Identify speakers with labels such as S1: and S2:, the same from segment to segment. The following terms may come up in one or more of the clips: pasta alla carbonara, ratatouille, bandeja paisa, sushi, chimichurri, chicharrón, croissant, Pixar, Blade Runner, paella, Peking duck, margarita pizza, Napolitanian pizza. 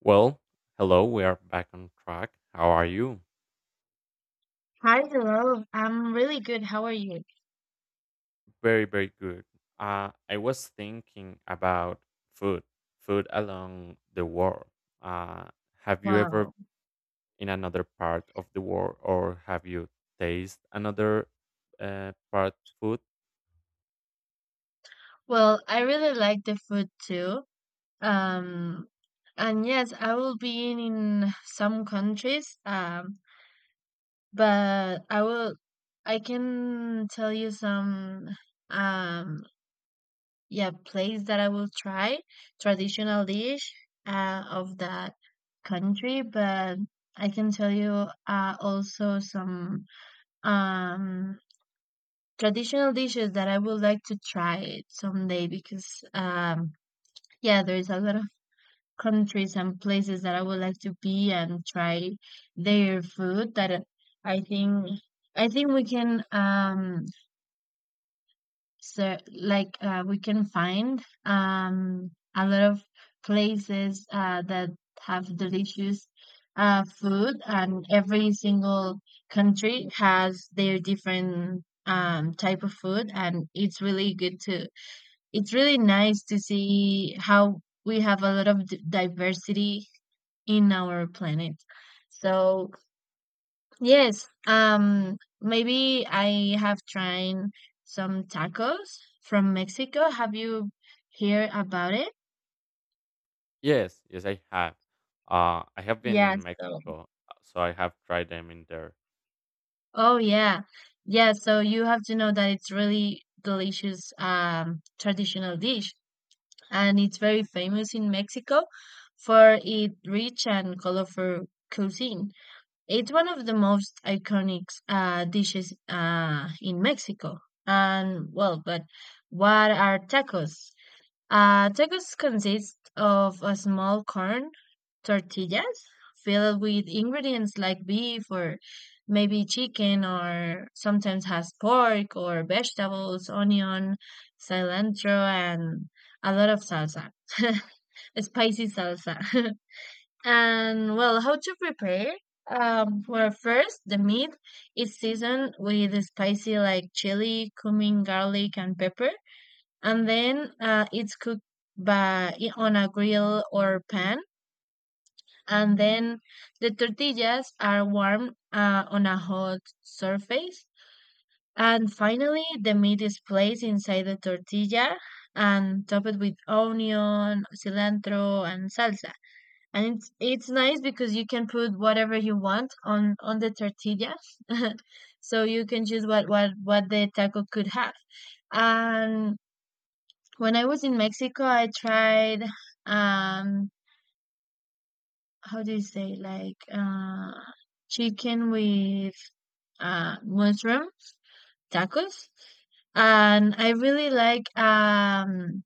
S1: Well, hello, we are back on track. How are you?
S2: Hi, hello. I'm really good. How are you?
S1: Very, very good. I was thinking about food, food along the world. Uh, have you ever
S2: Wow.
S1: in another part of the world, or have you tasted another part food?
S2: Well, I really like the food too. Um, and yes, I will be in some countries. But I will, I can tell you some, um, yeah, place that I will try traditional dish, of that country. But I can tell you, also some, um. Traditional dishes that I would like to try it someday because yeah, there's a lot of countries and places that I would like to be and try their food that I think I think we can so like we can find a lot of places that have delicious food, and every single country has their different type of food, and it's really good to it's really nice to see how we have a lot of diversity in our planet, so. Yes, maybe I have tried some tacos from Mexico. Have you heard about it?
S1: Yes, yes, I have. I have been
S2: Yeah,
S1: in
S2: so
S1: Mexico, so I have tried them in there.
S2: oh yeah. Yeah, so you have to know that it's really delicious traditional dish, and it's very famous in Mexico for its rich and colorful cuisine. It's one of the most iconic dishes in Mexico. And well, but what are tacos? Tacos consist of a small corn tortillas filled with ingredients like beef, or maybe chicken, or sometimes has pork or vegetables, onion, cilantro, and a lot of salsa, spicy salsa. And well, how to prepare? Well, first the meat is seasoned with spicy like chili, cumin, garlic, and pepper, and then it's cooked on a grill or pan, and then the tortillas are warmed on a hot surface, and finally the meat is placed inside the tortilla and topped with onion, cilantro, and salsa. And it's nice because you can put whatever you want on the tortilla, so you can choose what the taco could have. And when I was in Mexico, I tried um how do you say like chicken with mushroom tacos, and I really like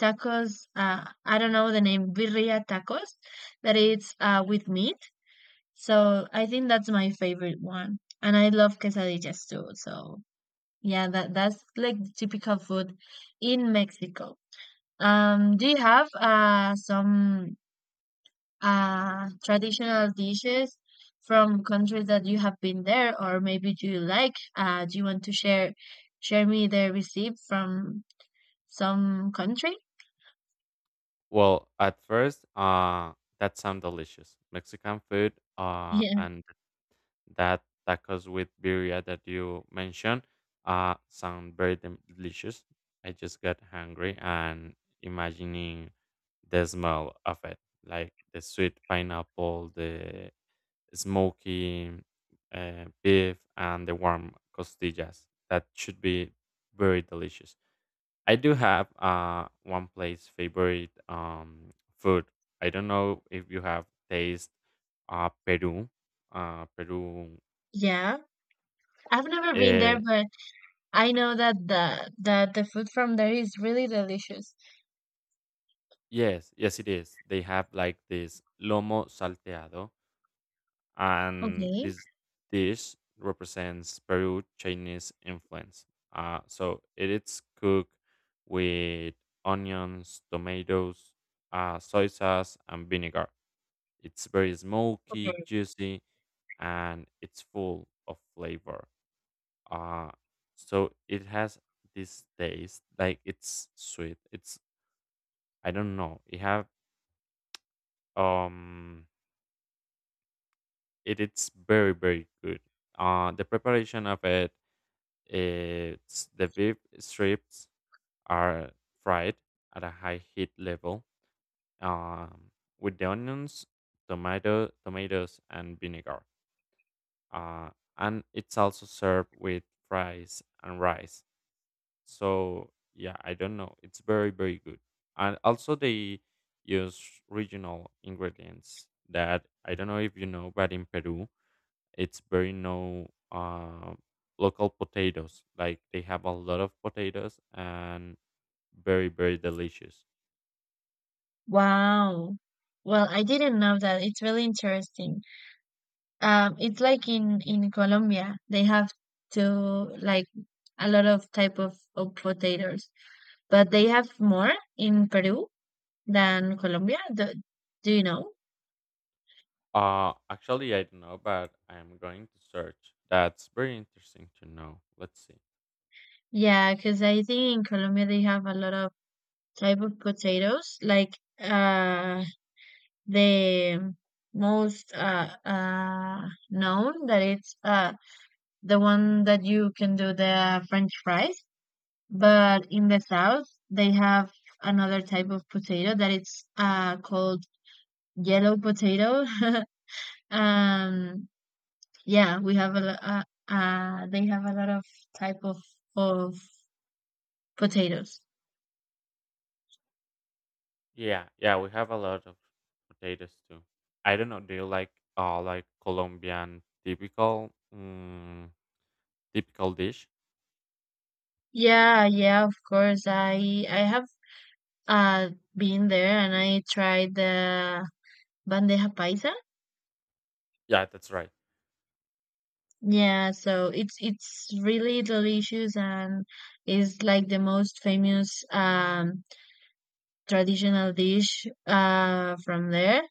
S2: tacos, I don't know the name, birria tacos, that it's with meat. So I think that's my favorite one. And I love quesadillas too. So yeah, that's like the typical food in Mexico. Do you have some traditional dishes from countries that you have been there, or maybe do you like? Do you want to share me the receipt from some country?
S1: Well, at first, that sound delicious. Mexican food,
S2: Yeah,
S1: and that tacos with birria that you mentioned sound very delicious. I just got hungry and imagining the smell of it, like the sweet pineapple, the smoky beef, and the warm costillas. That should be very delicious. I do have one place favorite food. I don't know if you have taste Peru, Peru.
S2: yeah. I've never been
S1: Uh,
S2: there, but I know that the food from there is really delicious.
S1: yes, yes, it is. They have like this lomo salteado, and
S2: Okay.
S1: this dish represents Peru Chinese influence. So it is cooked with onions, tomatoes, soy sauce, and vinegar. It's very
S2: Okay.
S1: smoky, juicy, and it's full of flavor. Uh, so it has this taste like it's sweet. It's I don't know. It have um it's very very good the preparation of it it's the beef strips are fried at a high heat level um with the onions tomatoes and vinegar uh and it's also served with fries and rice, so yeah, I don't know, it's very very good. And also they use regional ingredients that I don't know if you know, but in Peru it's very no local potatoes. Like they have a lot of potatoes and very very delicious.
S2: Wow. Well, I didn't know that. It's really interesting. It's like in Colombia, they have to like a lot of type of potatoes. But they have more in Peru than Colombia. Do, do you know?
S1: Actually, I don't know, but I'm going to search. That's very interesting to know. Let's see.
S2: Yeah, because I think in Colombia they have a lot of type of potatoes, like the most known that it's the one that you can do the French fries. But in the south they have another type of potato that it's called yellow potato. um Yeah, we have a lo- they have a lot of type of potatoes.
S1: Yeah, yeah, we have a lot of potatoes too. I don't know. Do you like Colombian typical typical dish?
S2: Yeah, yeah, of course. I have uh been there, and I tried the bandeja paisa.
S1: Yeah, that's right.
S2: Yeah, so it's really delicious, and is like the most famous traditional dish from there.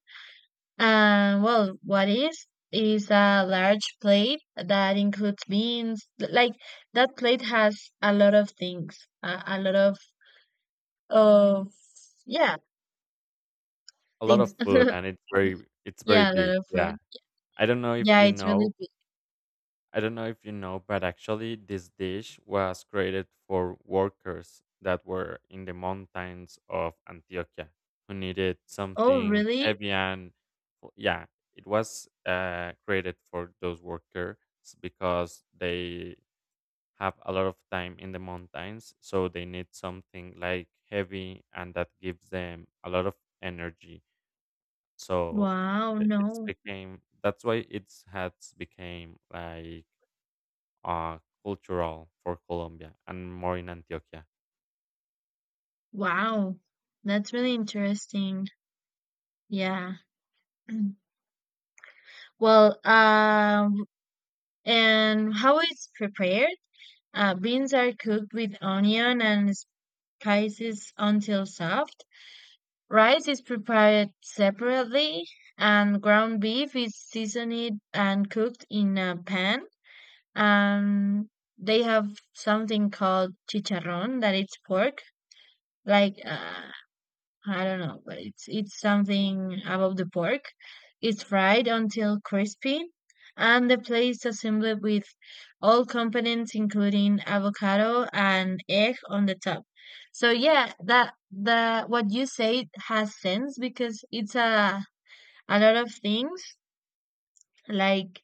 S2: Well, what is a large plate that includes beans. Like that plate has a lot of things, a lot of yeah
S1: A lot of
S2: things.
S1: food and it's very
S2: Yeah, a lot
S1: big.
S2: of
S1: Yeah,
S2: food.
S1: I don't know if
S2: Yeah,
S1: you
S2: it's really
S1: know
S2: big.
S1: I don't know if you know, but actually, this dish was created for workers that were in the mountains of Antioquia who needed
S2: Oh,
S1: something
S2: really?
S1: heavy and well, yeah, it was created for those workers because they have a lot of time in the mountains, so they need something like heavy and that gives them a lot of energy. So
S2: Wow,
S1: it's
S2: no.
S1: became that's why it's has became like uh, cultural for Colombia and more in Antioquia.
S2: Wow. That's really interesting. Yeah. Well, and how it's prepared? Beans are cooked with onion and spices until soft. Rice is prepared separately, and ground beef is seasoned and cooked in a pan. And they have something called chicharrón that it's pork, like I don't know, but it's something about the pork. It's fried until crispy, and the plate is assembled with all components, including avocado and egg on the top. So yeah, that the what you said has sense because it's a lot of things, like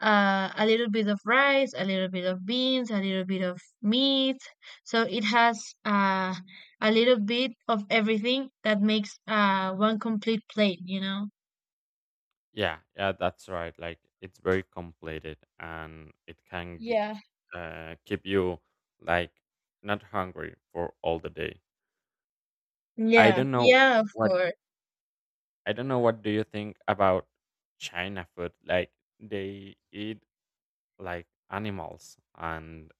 S2: a little bit of rice, a little bit of beans, a little bit of meat. So it has a little bit of everything that makes one complete plate, you know?
S1: Yeah, yeah, that's right. Like it's very completed and it can
S2: Yeah.
S1: keep you like not hungry for all the day. I
S2: Yeah,
S1: don't know
S2: yeah, of
S1: what
S2: course.
S1: I don't know what do you think about China food? Like they eat like animals and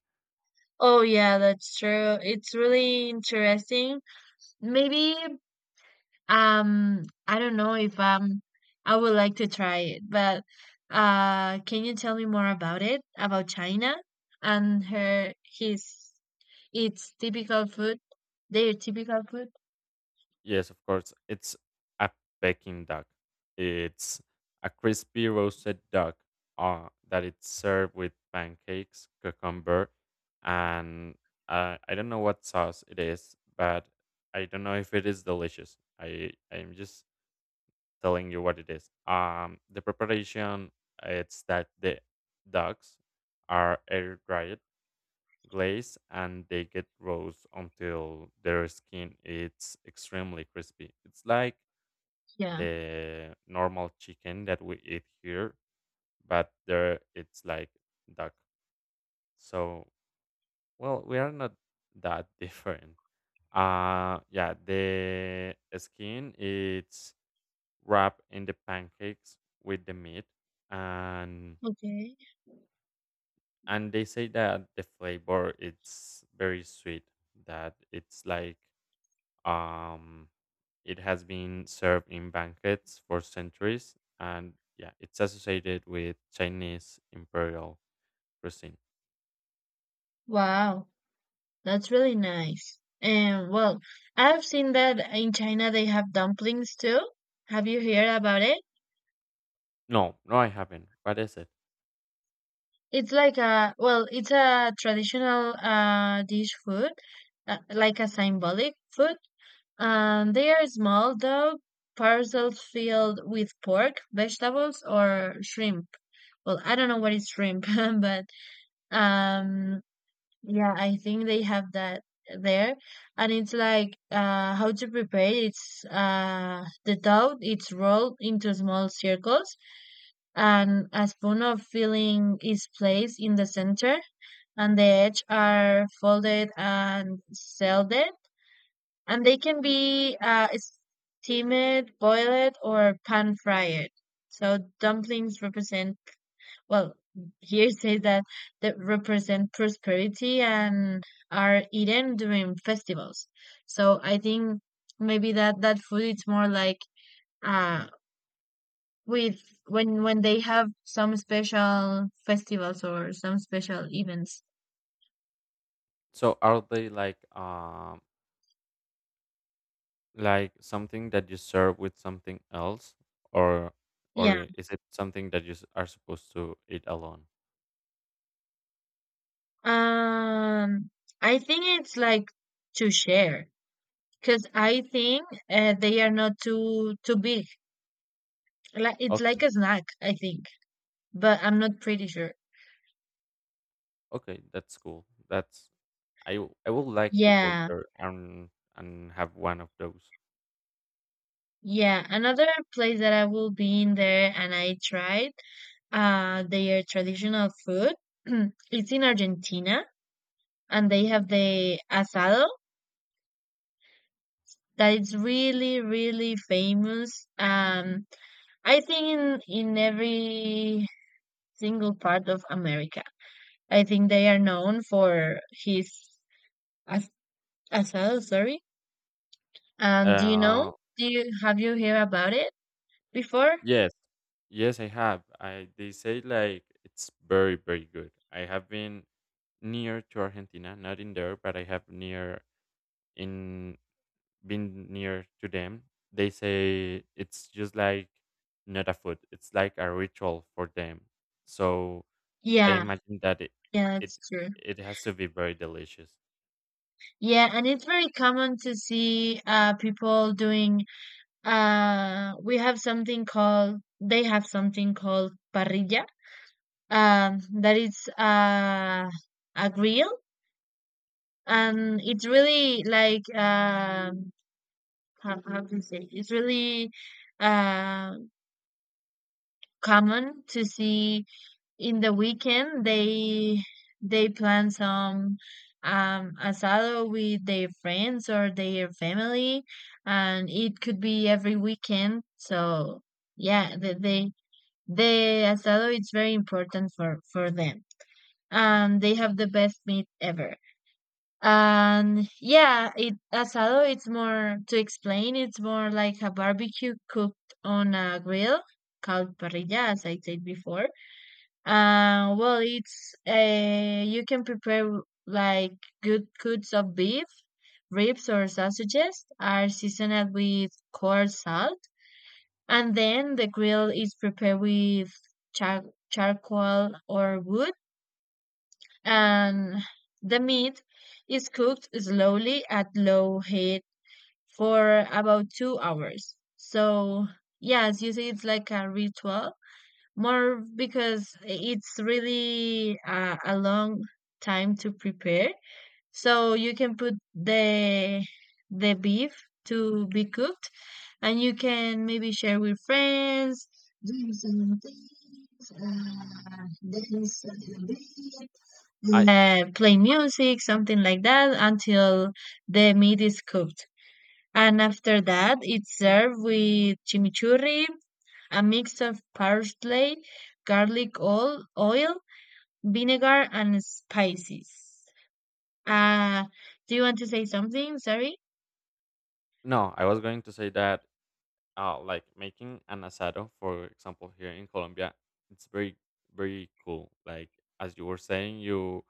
S2: Oh yeah, that's true. It's really interesting. Maybe I don't know if I would like to try it, but can you tell me more about it, about China, and her his it's typical food. Their typical food.
S1: Yes, of course. It's a Peking duck. It's a crispy roasted duck that it's served with pancakes, cucumber, and I don't know what sauce it is, but I don't know if it is delicious. I'm just telling you what it is. The preparation it's that the ducks are air dried glaze and they get roast until their skin is extremely crispy. It's like
S2: Yeah.
S1: the normal chicken that we eat here, but there it's like duck. So well, we are not that different. Yeah, the skin it's wrapped in the pancakes with the meat and
S2: Okay.
S1: they say that the flavor it's very sweet that it's like Um, it has been served in banquets for centuries, and yeah, it's associated with Chinese imperial cuisine.
S2: Wow. That's really nice. And well, I've seen that in China they have dumplings too. Have you heard about it?
S1: No, no, I haven't. What is it?
S2: It's like a well, it's a traditional dish food, like a symbolic food. They are small though, parcels filled with pork, vegetables, or shrimp. Well, I don't know what is shrimp, but um yeah, I think they have that there. And it's like how to prepare it. It's the dough it's rolled into small circles, and a spoon of filling is placed in the center, and the edge are folded and sealed, and they can be steamed, boiled, or pan fried. So dumplings represent well, here it says that that represent prosperity and are eaten during festivals. So I think maybe that that food it's more like uh with when they have some special festivals or some special events.
S1: So are they like something that you serve with something else, or or
S2: Yeah.
S1: is it something that you are supposed to eat alone?
S2: Um I think it's like to share because I think they are not too big. Like it's like
S1: Okay,
S2: a snack, I think, but I'm not pretty sure.
S1: okay, that's cool. That's I would like to go
S2: Yeah.
S1: there and have one of those.
S2: Yeah, another place that I will be in there, and I tried their traditional food. It's in Argentina, and they have the asado, that is really, really famous. I think in every single part of America. I think they are known for his as asado, sorry. And do you know?
S1: Uh,
S2: Do you have you heard about it before?
S1: Yes. Yes, I have. I They say like it's very, very good. I have been near to Argentina, not in there, but I have near in been near to them. They say it's just like not a food. It's like a ritual for them. So I
S2: Yeah,
S1: imagine that
S2: yeah,
S1: it
S2: that's true.
S1: it has to be very delicious.
S2: Yeah, and it's very common to see people doing we have something called they have something called parrilla, that is a grill, and it's really like how, to say, it's really uh common to see in the weekend they plan some asado with their friends or their family, and it could be every weekend, so yeah the they the asado is very important for them, and they have the best meat ever. And yeah it asado it's more to explain it's more like a barbecue cooked on a grill called parrilla, as I said before. Well, it's you can prepare like good cuts of beef, ribs, or sausages are seasoned with coarse salt, and then the grill is prepared with char charcoal or wood, and the meat is cooked slowly at low heat for about 2 hours. So, yes, you see, it's like a ritual more because it's really a long time to prepare. So you can put the beef to be cooked, and you can maybe share with friends, do some things, dance a little bit,
S1: I
S2: play music, something like that, until the meat is cooked. And after that, it's served with chimichurri, a mix of parsley, garlic oil, vinegar, and spices. Uh, do you want to say something? Sorry.
S1: No, I was going to say that like making an asado, for example, here in Colombia, it's very, very cool. Like as you were saying, you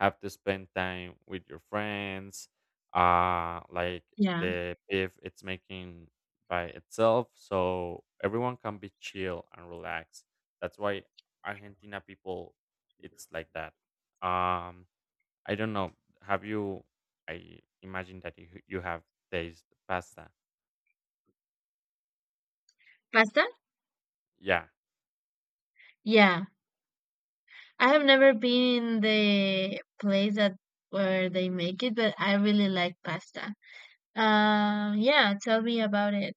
S1: have to spend time with your friends. Like
S2: Yeah.
S1: the beef, it's making by itself, so everyone can be chill and relaxed. That's why Argentina people, it's like that. Um, I don't know. Have you? I imagine that you have tasted pasta.
S2: Pasta?
S1: Yeah,
S2: Yeah. I have never been in the place that where they make it, but I really like pasta. Yeah, tell me about it.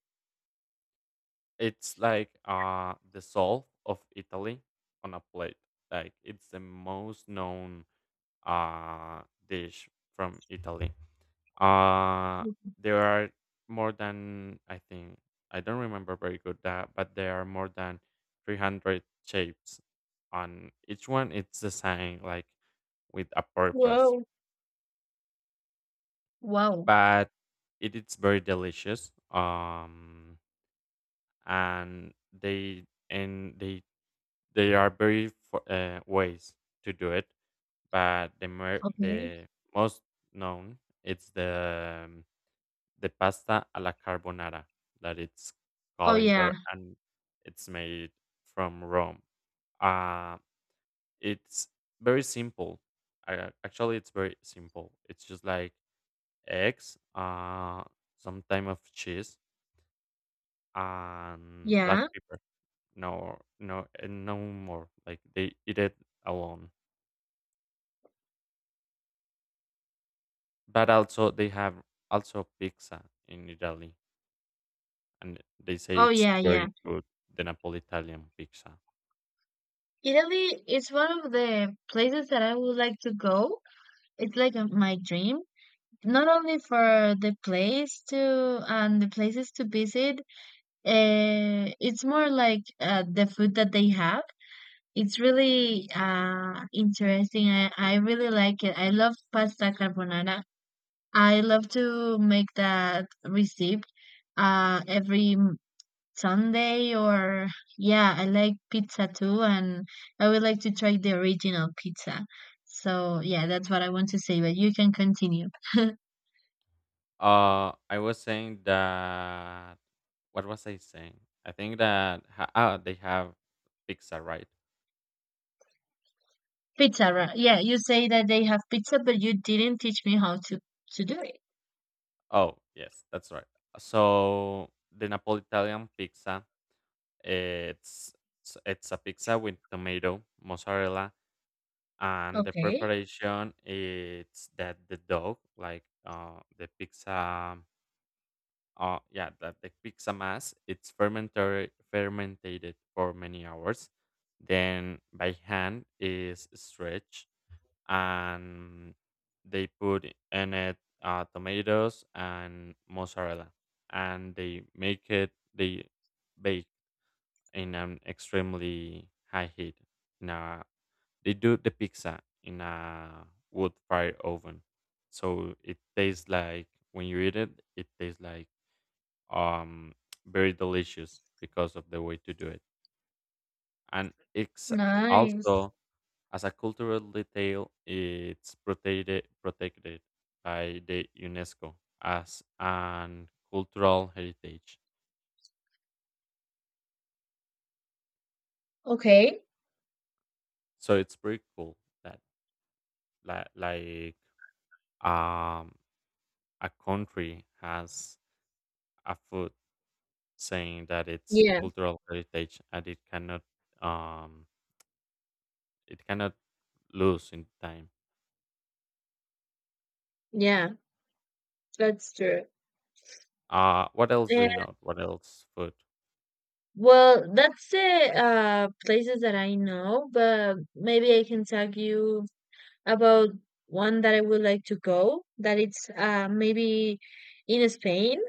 S1: it's like the soul of Italy on a plate. Like it's the most known uh, dish from Italy. Uh, there are more than I think I don't remember very good that, but there are more than 300 shapes. On each one, it's designed like with a purpose,
S2: Wow. Wow.
S1: but it is very delicious. And they there are very ways to do it, but
S2: Okay.
S1: the most known it's the pasta alla carbonara that it's
S2: Oh
S1: called in
S2: yeah.
S1: there, and it's made from Rome. Uh, it's very simple. Actually, it's very simple. It's just like eggs, some type of cheese, and black
S2: Yeah.
S1: pepper. No, no, and no more. Like they eat it alone. But also they have also pizza in Italy, and they say
S2: Oh
S1: it's
S2: yeah, yeah.
S1: very good, the Napolitanian pizza.
S2: Italy is one of the places that I would like to go. It's like a, my dream, not only for the place to and the places to visit, it's more like the food that they have, it's really interesting. I really like it, I love pasta carbonara, I love to make that recipe every sunday. Or yeah, I like pizza too, and I would like to try the original pizza. So yeah, that's what I want to say, but you can continue.
S1: I was saying that what was I saying? I think that they have pizza, right?
S2: Pizza, right? Yeah, you say that they have pizza, but you didn't teach me how to do it.
S1: Oh, yes, that's right. So the Napolitanian pizza, it's it's a pizza with tomato, mozzarella, and the
S2: Okay,
S1: preparation it's that the dough, like the pizza yeah that the pixamas it's fermented for many hours, then by hand is stretched, and they put in it tomatoes and mozzarella, and they make it they bake in an extremely high heat in a they do the pizza in a wood fire oven, so it tastes like when you eat it it tastes like um very delicious because of the way to do it. And it's
S2: nice.
S1: also, as a cultural detail, it's protected by the UNESCO as an cultural heritage,
S2: Okay,
S1: so it's pretty cool that like, um a country has a food saying that it's
S2: yeah,
S1: cultural heritage and um it cannot lose in time.
S2: yeah, that's true.
S1: What else do
S2: And
S1: you know? What else food?
S2: well, that's the places that I know, but maybe I can tell you about one that I would like to go. That it's maybe in Spain.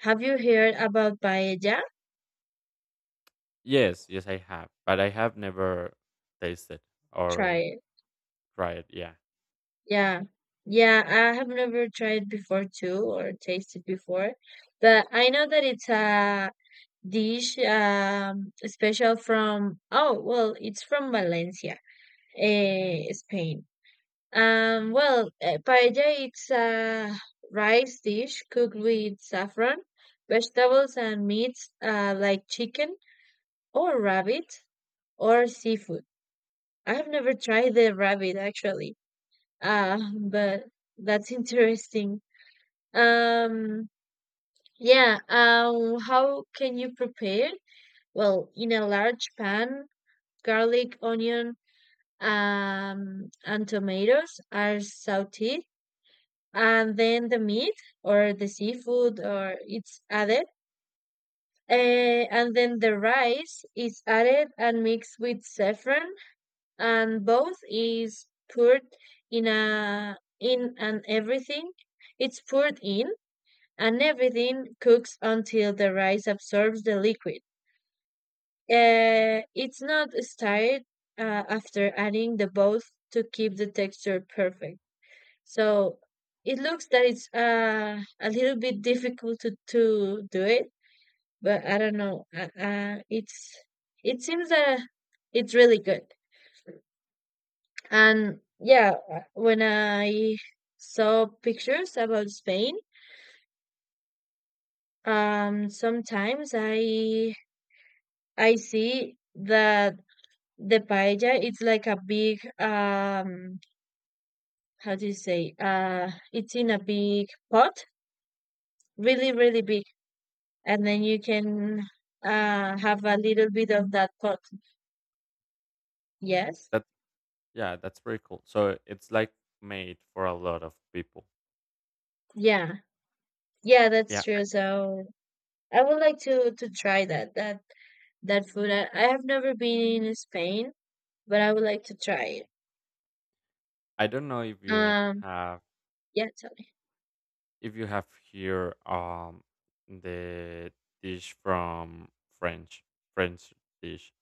S2: Have you heard about paella?
S1: Yes, yes, I have, but I have never tasted
S2: Try
S1: or
S2: it.
S1: tried. Yeah,
S2: Yeah. Yeah, I have never tried before too, or tasted before, but I know that it's a dish special from oh, well, it's from Valencia, Spain. Paella it's a rice dish cooked with saffron, vegetables and meats like chicken or rabbit or seafood. I have never tried the rabbit actually. But that's interesting. Um, yeah, how can you prepare? Well, in a large pan, garlic, onion, and tomatoes are sauteed, and then the meat or the seafood or it's added. Uh, and then the rice is added and mixed with saffron, and both is poured in a in and everything. It's poured in and everything cooks until the rice absorbs the liquid. It's not stirred after adding the both to keep the texture perfect. So it looks that it's a little bit difficult to do it, but I don't know. It seems that it's really good. And yeah, when I saw pictures about Spain, sometimes I see that the paella it's like a big how do you say, it's in a big pot, really really big, and then you can have a little bit of that pot. Yes,
S1: that yeah, that's pretty cool. So it's like made for a lot of people.
S2: yeah, yeah, that's
S1: Yeah,
S2: true. So I would like to try that food. I have never been in Spain, but I would like to try it.
S1: I don't know
S2: um yeah tell me.
S1: if you have here the dish from French French dish.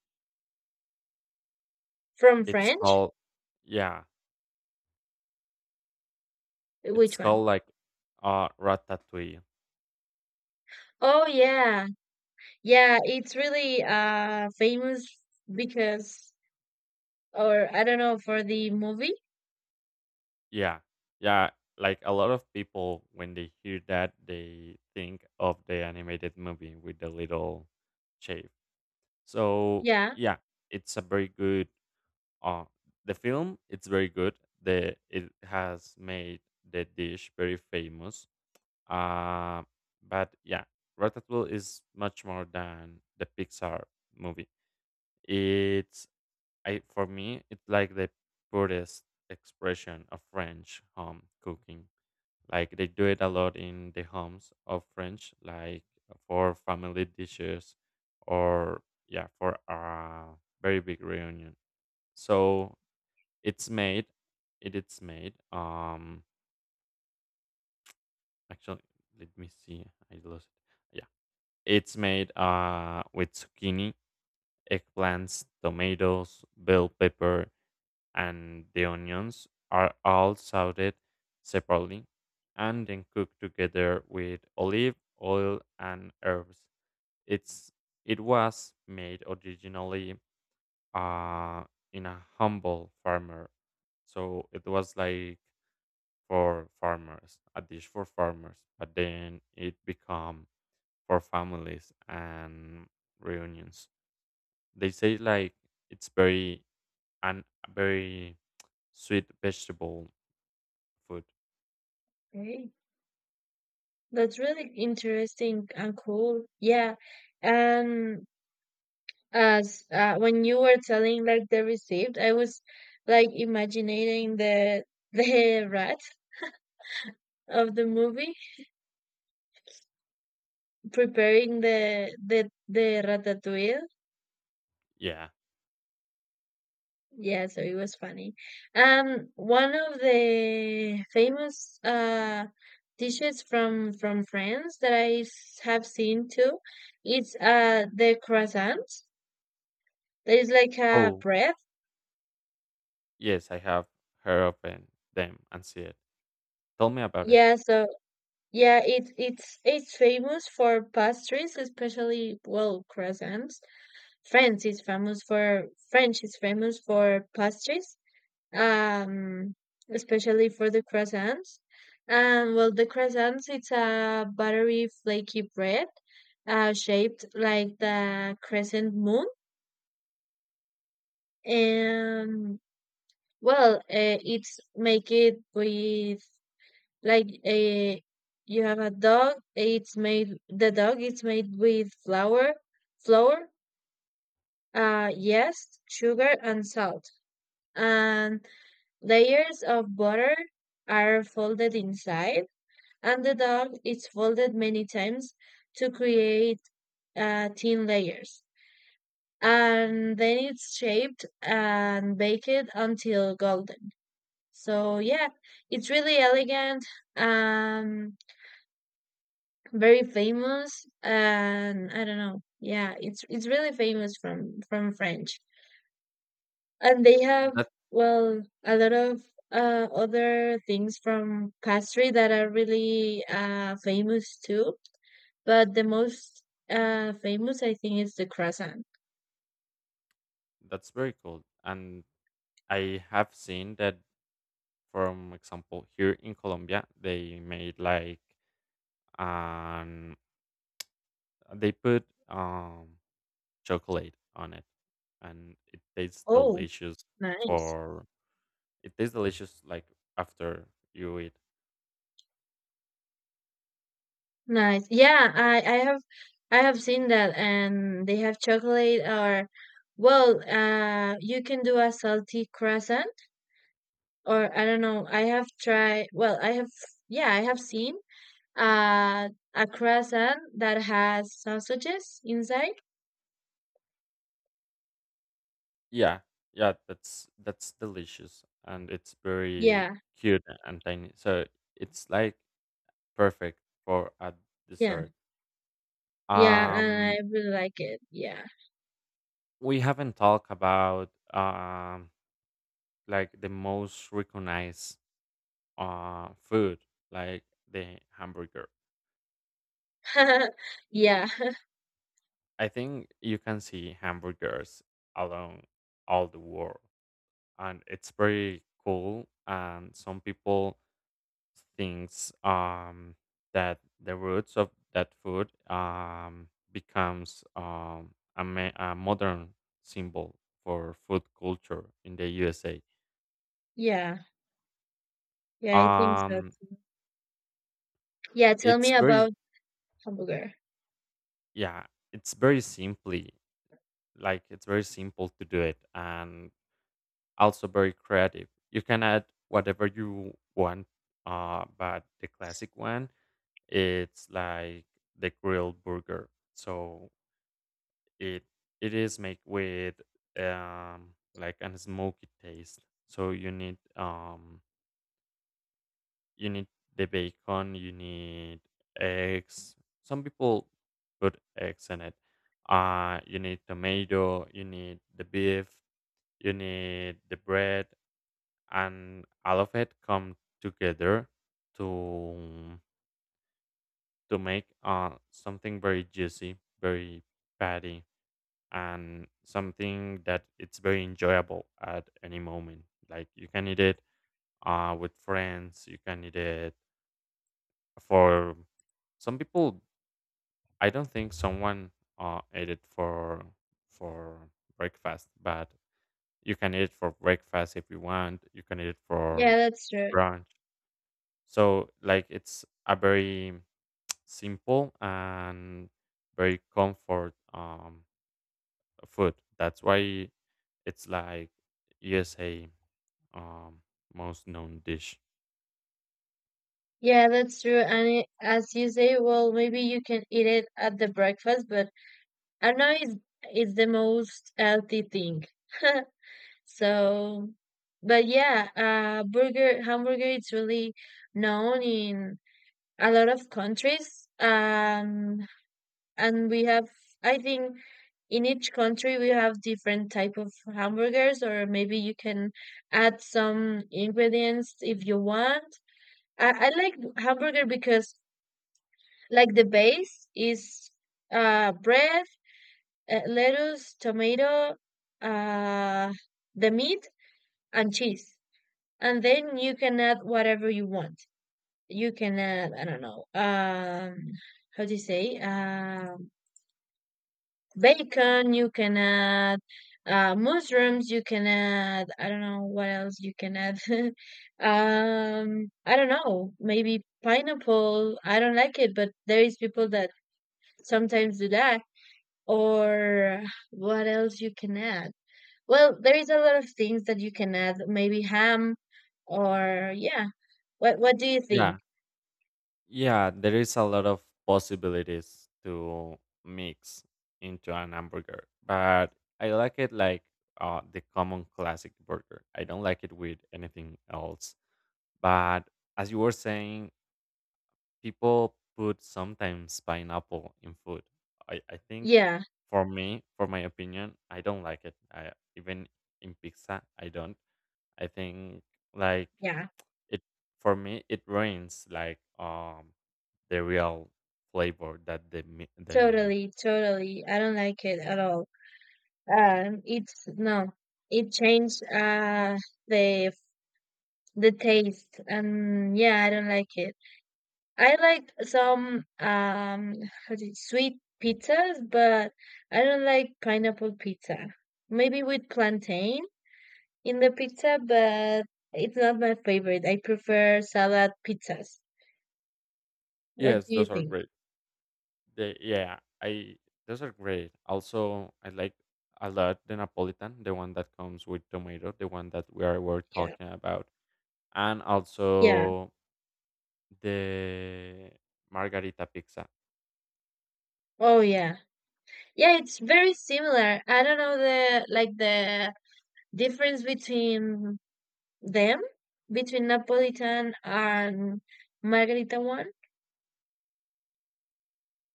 S2: From
S1: It's
S2: French?
S1: called yeah, it's
S2: Which one?
S1: called like ratatouille.
S2: Oh yeah. Yeah, it's really famous because, or I don't know, for the movie.
S1: Yeah, yeah. Like a lot of people, when they hear that, they think of the animated movie with the little shave. So
S2: Yeah.
S1: yeah, it's a very good. Uh, the film it's very good. The it has made the dish very famous. Uh, but yeah, Ratatouille is much more than the Pixar movie. It's I for me, it's like the purest expression of French home cooking, like they do it a lot in the homes of French, like for family dishes or yeah, for a very big reunion. So it's made, it is made. Actually, let me see. I lost it. Yeah, it's made with zucchini, eggplants, tomatoes, bell pepper, and the onions are all sauteed separately and then cooked together with olive oil and herbs. It's it was made originally uh, in a humble farmer, so it was like for farmers, a dish for farmers. But then it become for families and reunions. They say like it's very and very sweet vegetable food.
S2: Okay. That's really interesting and cool. Yeah. And as when you were telling like the receipt, I was like imagining the the rat of the movie preparing the ratatouille.
S1: Yeah.
S2: Yeah, so it was funny. One of the famous dishes from France that I have seen too, it's the croissant. It's like a
S1: Oh,
S2: bread.
S1: yes, I have heard of and them and see it. Tell me about it.
S2: Yeah, so yeah, it's famous for pastries, especially well croissants. France is famous for French is famous for pastries. um, Especially for the croissants. The croissants, it's a buttery, flaky bread shaped like the crescent moon. And well, it's make it with like a, you have a dog. It's made the dog. It's made with flour, flour, yeast, sugar, and salt, and layers of butter are folded inside. Underdog is folded many times to create thin layers, and then it's shaped and baked until golden. So yeah, it's really elegant, um, very famous, and I don't know. Yeah, it's really famous from French, and they have
S1: That
S2: well a lot of other things from pastry that are really famous too. But the most famous, I think, is the croissant.
S1: that's very cool. And I have seen that, from example, here in Colombia, they made like um they put chocolate on it, and it tastes
S2: Oh,
S1: delicious.
S2: nice.
S1: For it tastes delicious like after you eat
S2: Nice. Yeah, I have I have seen that, and they have chocolate, or well, you can do a salty croissant, or I don't know. I have tried, well, I have, yeah, I have seen a croissant that has sausages inside.
S1: Yeah, yeah, that's delicious, and it's very
S2: Yeah.
S1: cute and tiny. So it's like perfect for a
S2: Yeah.
S1: dessert.
S2: Yeah, and I
S1: Um,
S2: really like it. Yeah.
S1: we haven't talked about like the most recognized food, like the hamburger.
S2: Yeah.
S1: I think you can see hamburgers along all the world, and it's very cool. And some people things that the roots of that food becomes a modern symbol for food culture in the USA
S2: Yeah. Yeah, I think so.
S1: um
S2: Yeah, tell
S1: it's
S2: me
S1: very
S2: about hamburger.
S1: yeah it's very simply like it's very simple to do it, and also very creative, you can add whatever you want. But the classic one it's like the grilled burger, so it it is made with like an smoky taste, so you need the bacon, you need eggs, some people put eggs in it, you need tomato, you need the beef, you need the bread, and all of it come together to to make something very juicy, very fatty, and something that it's very enjoyable at any moment. Like you can eat it with friends, you can eat it for some people. I don't think someone ate it for for breakfast, but you can eat it for breakfast if you want. You can eat it
S2: Yeah,
S1: for
S2: that's true.
S1: brunch. So like it's a very simple and very comfort food. That's why it's like USA um most known dish.
S2: Yeah, that's true. And it, as you say, well, maybe you can eat it at the breakfast, but I know it's the most healthy thing. So, but yeah, burger hamburger it's really known in a lot of countries. And we have, I think, in each country we have different type of hamburgers, or maybe you can add some ingredients if you want. I like hamburger because like the base is bread, lettuce, tomato, uh the meat and cheese, and then you can add whatever you want. You can add, I don't know, how do you say, bacon, you can add mushrooms, you can add I don't know what else you can add I don't know, maybe pineapple. I don't like it, but there is people that sometimes do that, or what else you can add. Well, there is a lot of things that you can add, maybe ham, or yeah, what do you think?
S1: Yeah, yeah, there is a lot of possibilities to mix into an hamburger, but I like it like the common classic burger. I don't like it with anything else. But as you were saying, people put sometimes pineapple in food. I think
S2: Yeah,
S1: for me, for my opinion, I don't like it. I even in pizza, I don't. I think like
S2: yeah,
S1: it for me it ruins like the real flavor that the
S2: totally totally, I don't like it at all. It's no, it changed the the taste, and yeah, I don't like it. I like some how do you- sweet pizzas, but I don't like pineapple pizza. Maybe with plantain in the pizza, but it's not my favorite. I prefer salad pizzas. What
S1: yes
S2: do you
S1: those are
S2: think?
S1: great. The yeah I those are great. Also I like a lot the Napolitan, the one that comes with tomato, the one that we are were
S2: Yeah,
S1: talking about and
S2: yeah.
S1: also the margarita pizza.
S2: Oh yeah. Yeah, it's very similar. I don't know the, like, the difference between them, between Napolitan and Margarita one?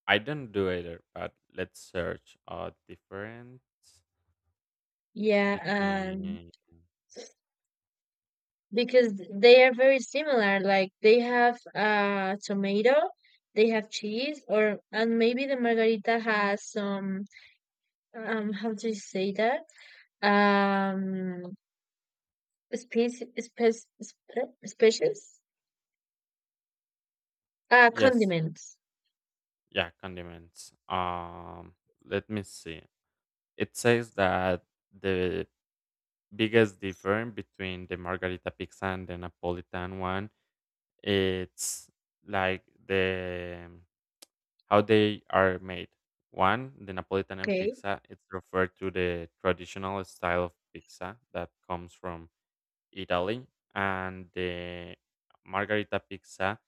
S1: I don't do either, but let's search a difference
S2: Yeah, and
S1: between
S2: because they are very similar. Like they have tomato, they have cheese, or and maybe the Margarita has some how do you say that, um species, species, species,
S1: yes,
S2: condiments.
S1: yeah, condiments. Let me see. It says that the biggest difference between the margarita pizza and the Napolitan one, it's like the how they are made. One, the Napolitan
S2: Okay,
S1: pizza, it's referred to the traditional style of pizza that comes from Italy, and the Margarita pizza,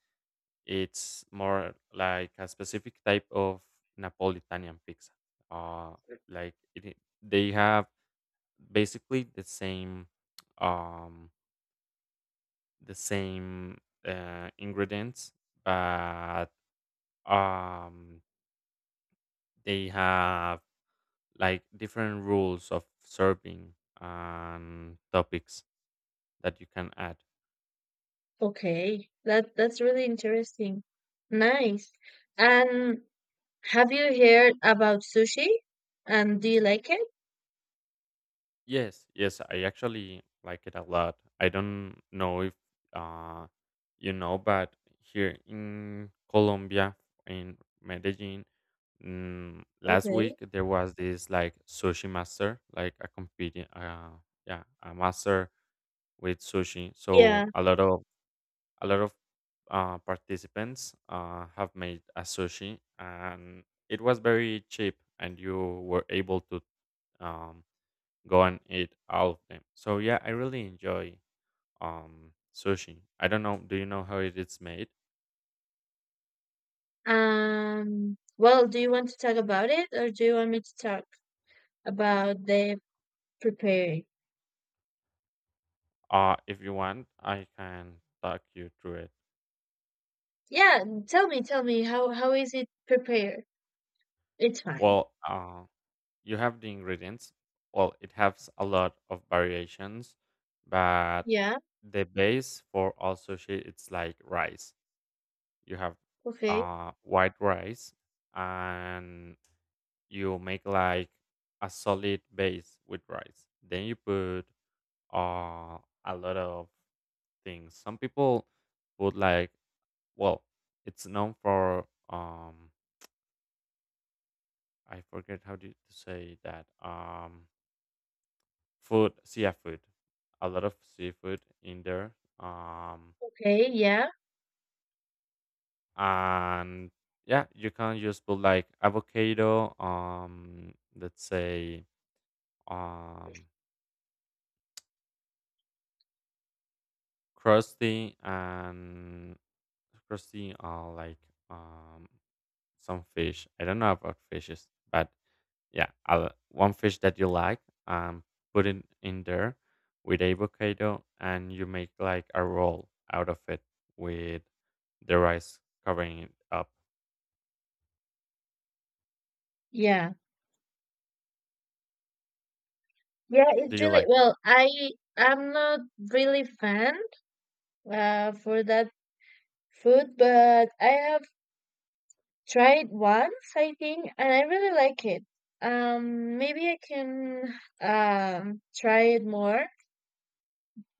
S1: it's more like a specific type of Napolitan pizza. Uh, like they have basically um, the same ingredients, but um, they have like different rules of serving and topics that you can add.
S2: okay, that that's really interesting. Nice, and have you heard about sushi? And do you like it?
S1: Yes, yes, I actually like it a lot. I don't know if uh you know, but here in Colombia in Medellin last
S2: Okay.
S1: week there was this like sushi master, like a competing yeah, a master with sushi.
S2: Yeah.
S1: So a lot of participants have made a sushi and it was very cheap and you were able to um, go and eat all of them. So yeah, I really enjoy sushi. I don't know, do you know how it is made?
S2: Well, do you want to talk about it, or do you want me to talk about the preparing?
S1: If you want I can talk you through it.
S2: Yeah, tell me how is it prepared? It's fine.
S1: Well, you have the ingredients. Well, it has a lot of variations, but
S2: Yeah.
S1: the base for all sushi it's like rice. You have
S2: Okay.
S1: white rice, and you make like a solid base with rice. Then you put uh, a lot of things. Some people put like, well, it's known for, I forget how to say that, food, seafood, a lot of seafood in there. Um,
S2: Okay, yeah.
S1: and yeah, you can just put like avocado, let's say um crusty and crusty like um some fish. I don't know about fishes, but yeah, I one fish that you like, um put it in there with avocado and you make like a roll out of it with the rice covering it up.
S2: Yeah. Yeah,
S1: Do
S2: it's
S1: you
S2: really
S1: like it?
S2: well, I'm not really fan for that food, but I have tried once, I think, and I really like it. Maybe I can try it more.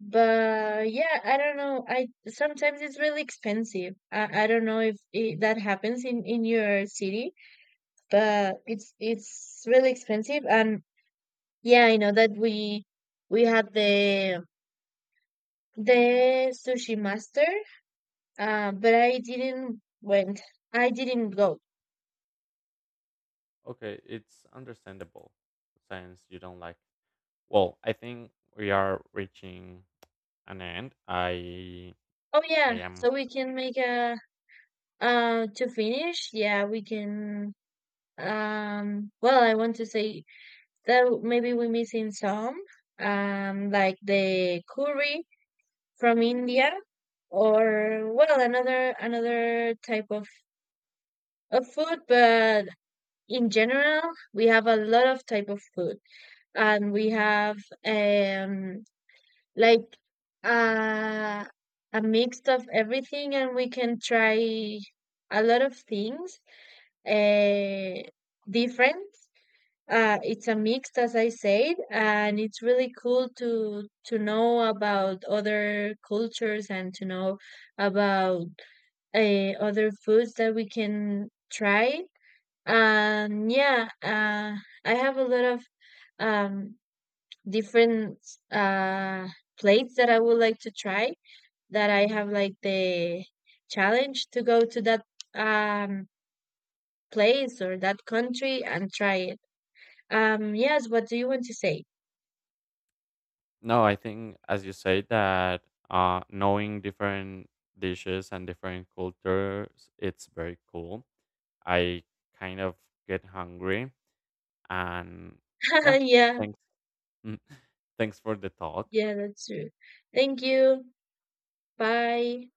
S2: But yeah, I don't know. I sometimes it's really expensive. I don't know if it, that happens in your city, but it's really expensive. And yeah, I know that we had the sushi master, but I didn't went. I didn't go.
S1: Okay, it's understandable since you don't like. Well, I think we are reaching an end.
S2: Oh
S1: I
S2: yeah,
S1: am.
S2: so we can make a, to finish, yeah, we can. Well, I want to say that maybe we're missing some, like the curry from India, or well, another another type of food. But in general, we have a lot of type of food, and we have um like uh, a mix of everything, and we can try a lot of things uh, different. It's a mix, as I said, and it's really cool to know about other cultures and to know about other foods that we can try. And yeah, I have a lot of um, different uh, plates that I would like to try. That I have like the challenge to go to that um, place or that country and try it. Yes, what do you want to say?
S1: No, I think as you say that knowing different dishes and different cultures, it's very cool. I kind of get hungry, and yeah,
S2: Yeah,
S1: thanks, thanks for the talk.
S2: yeah, that's true. Thank you. Bye.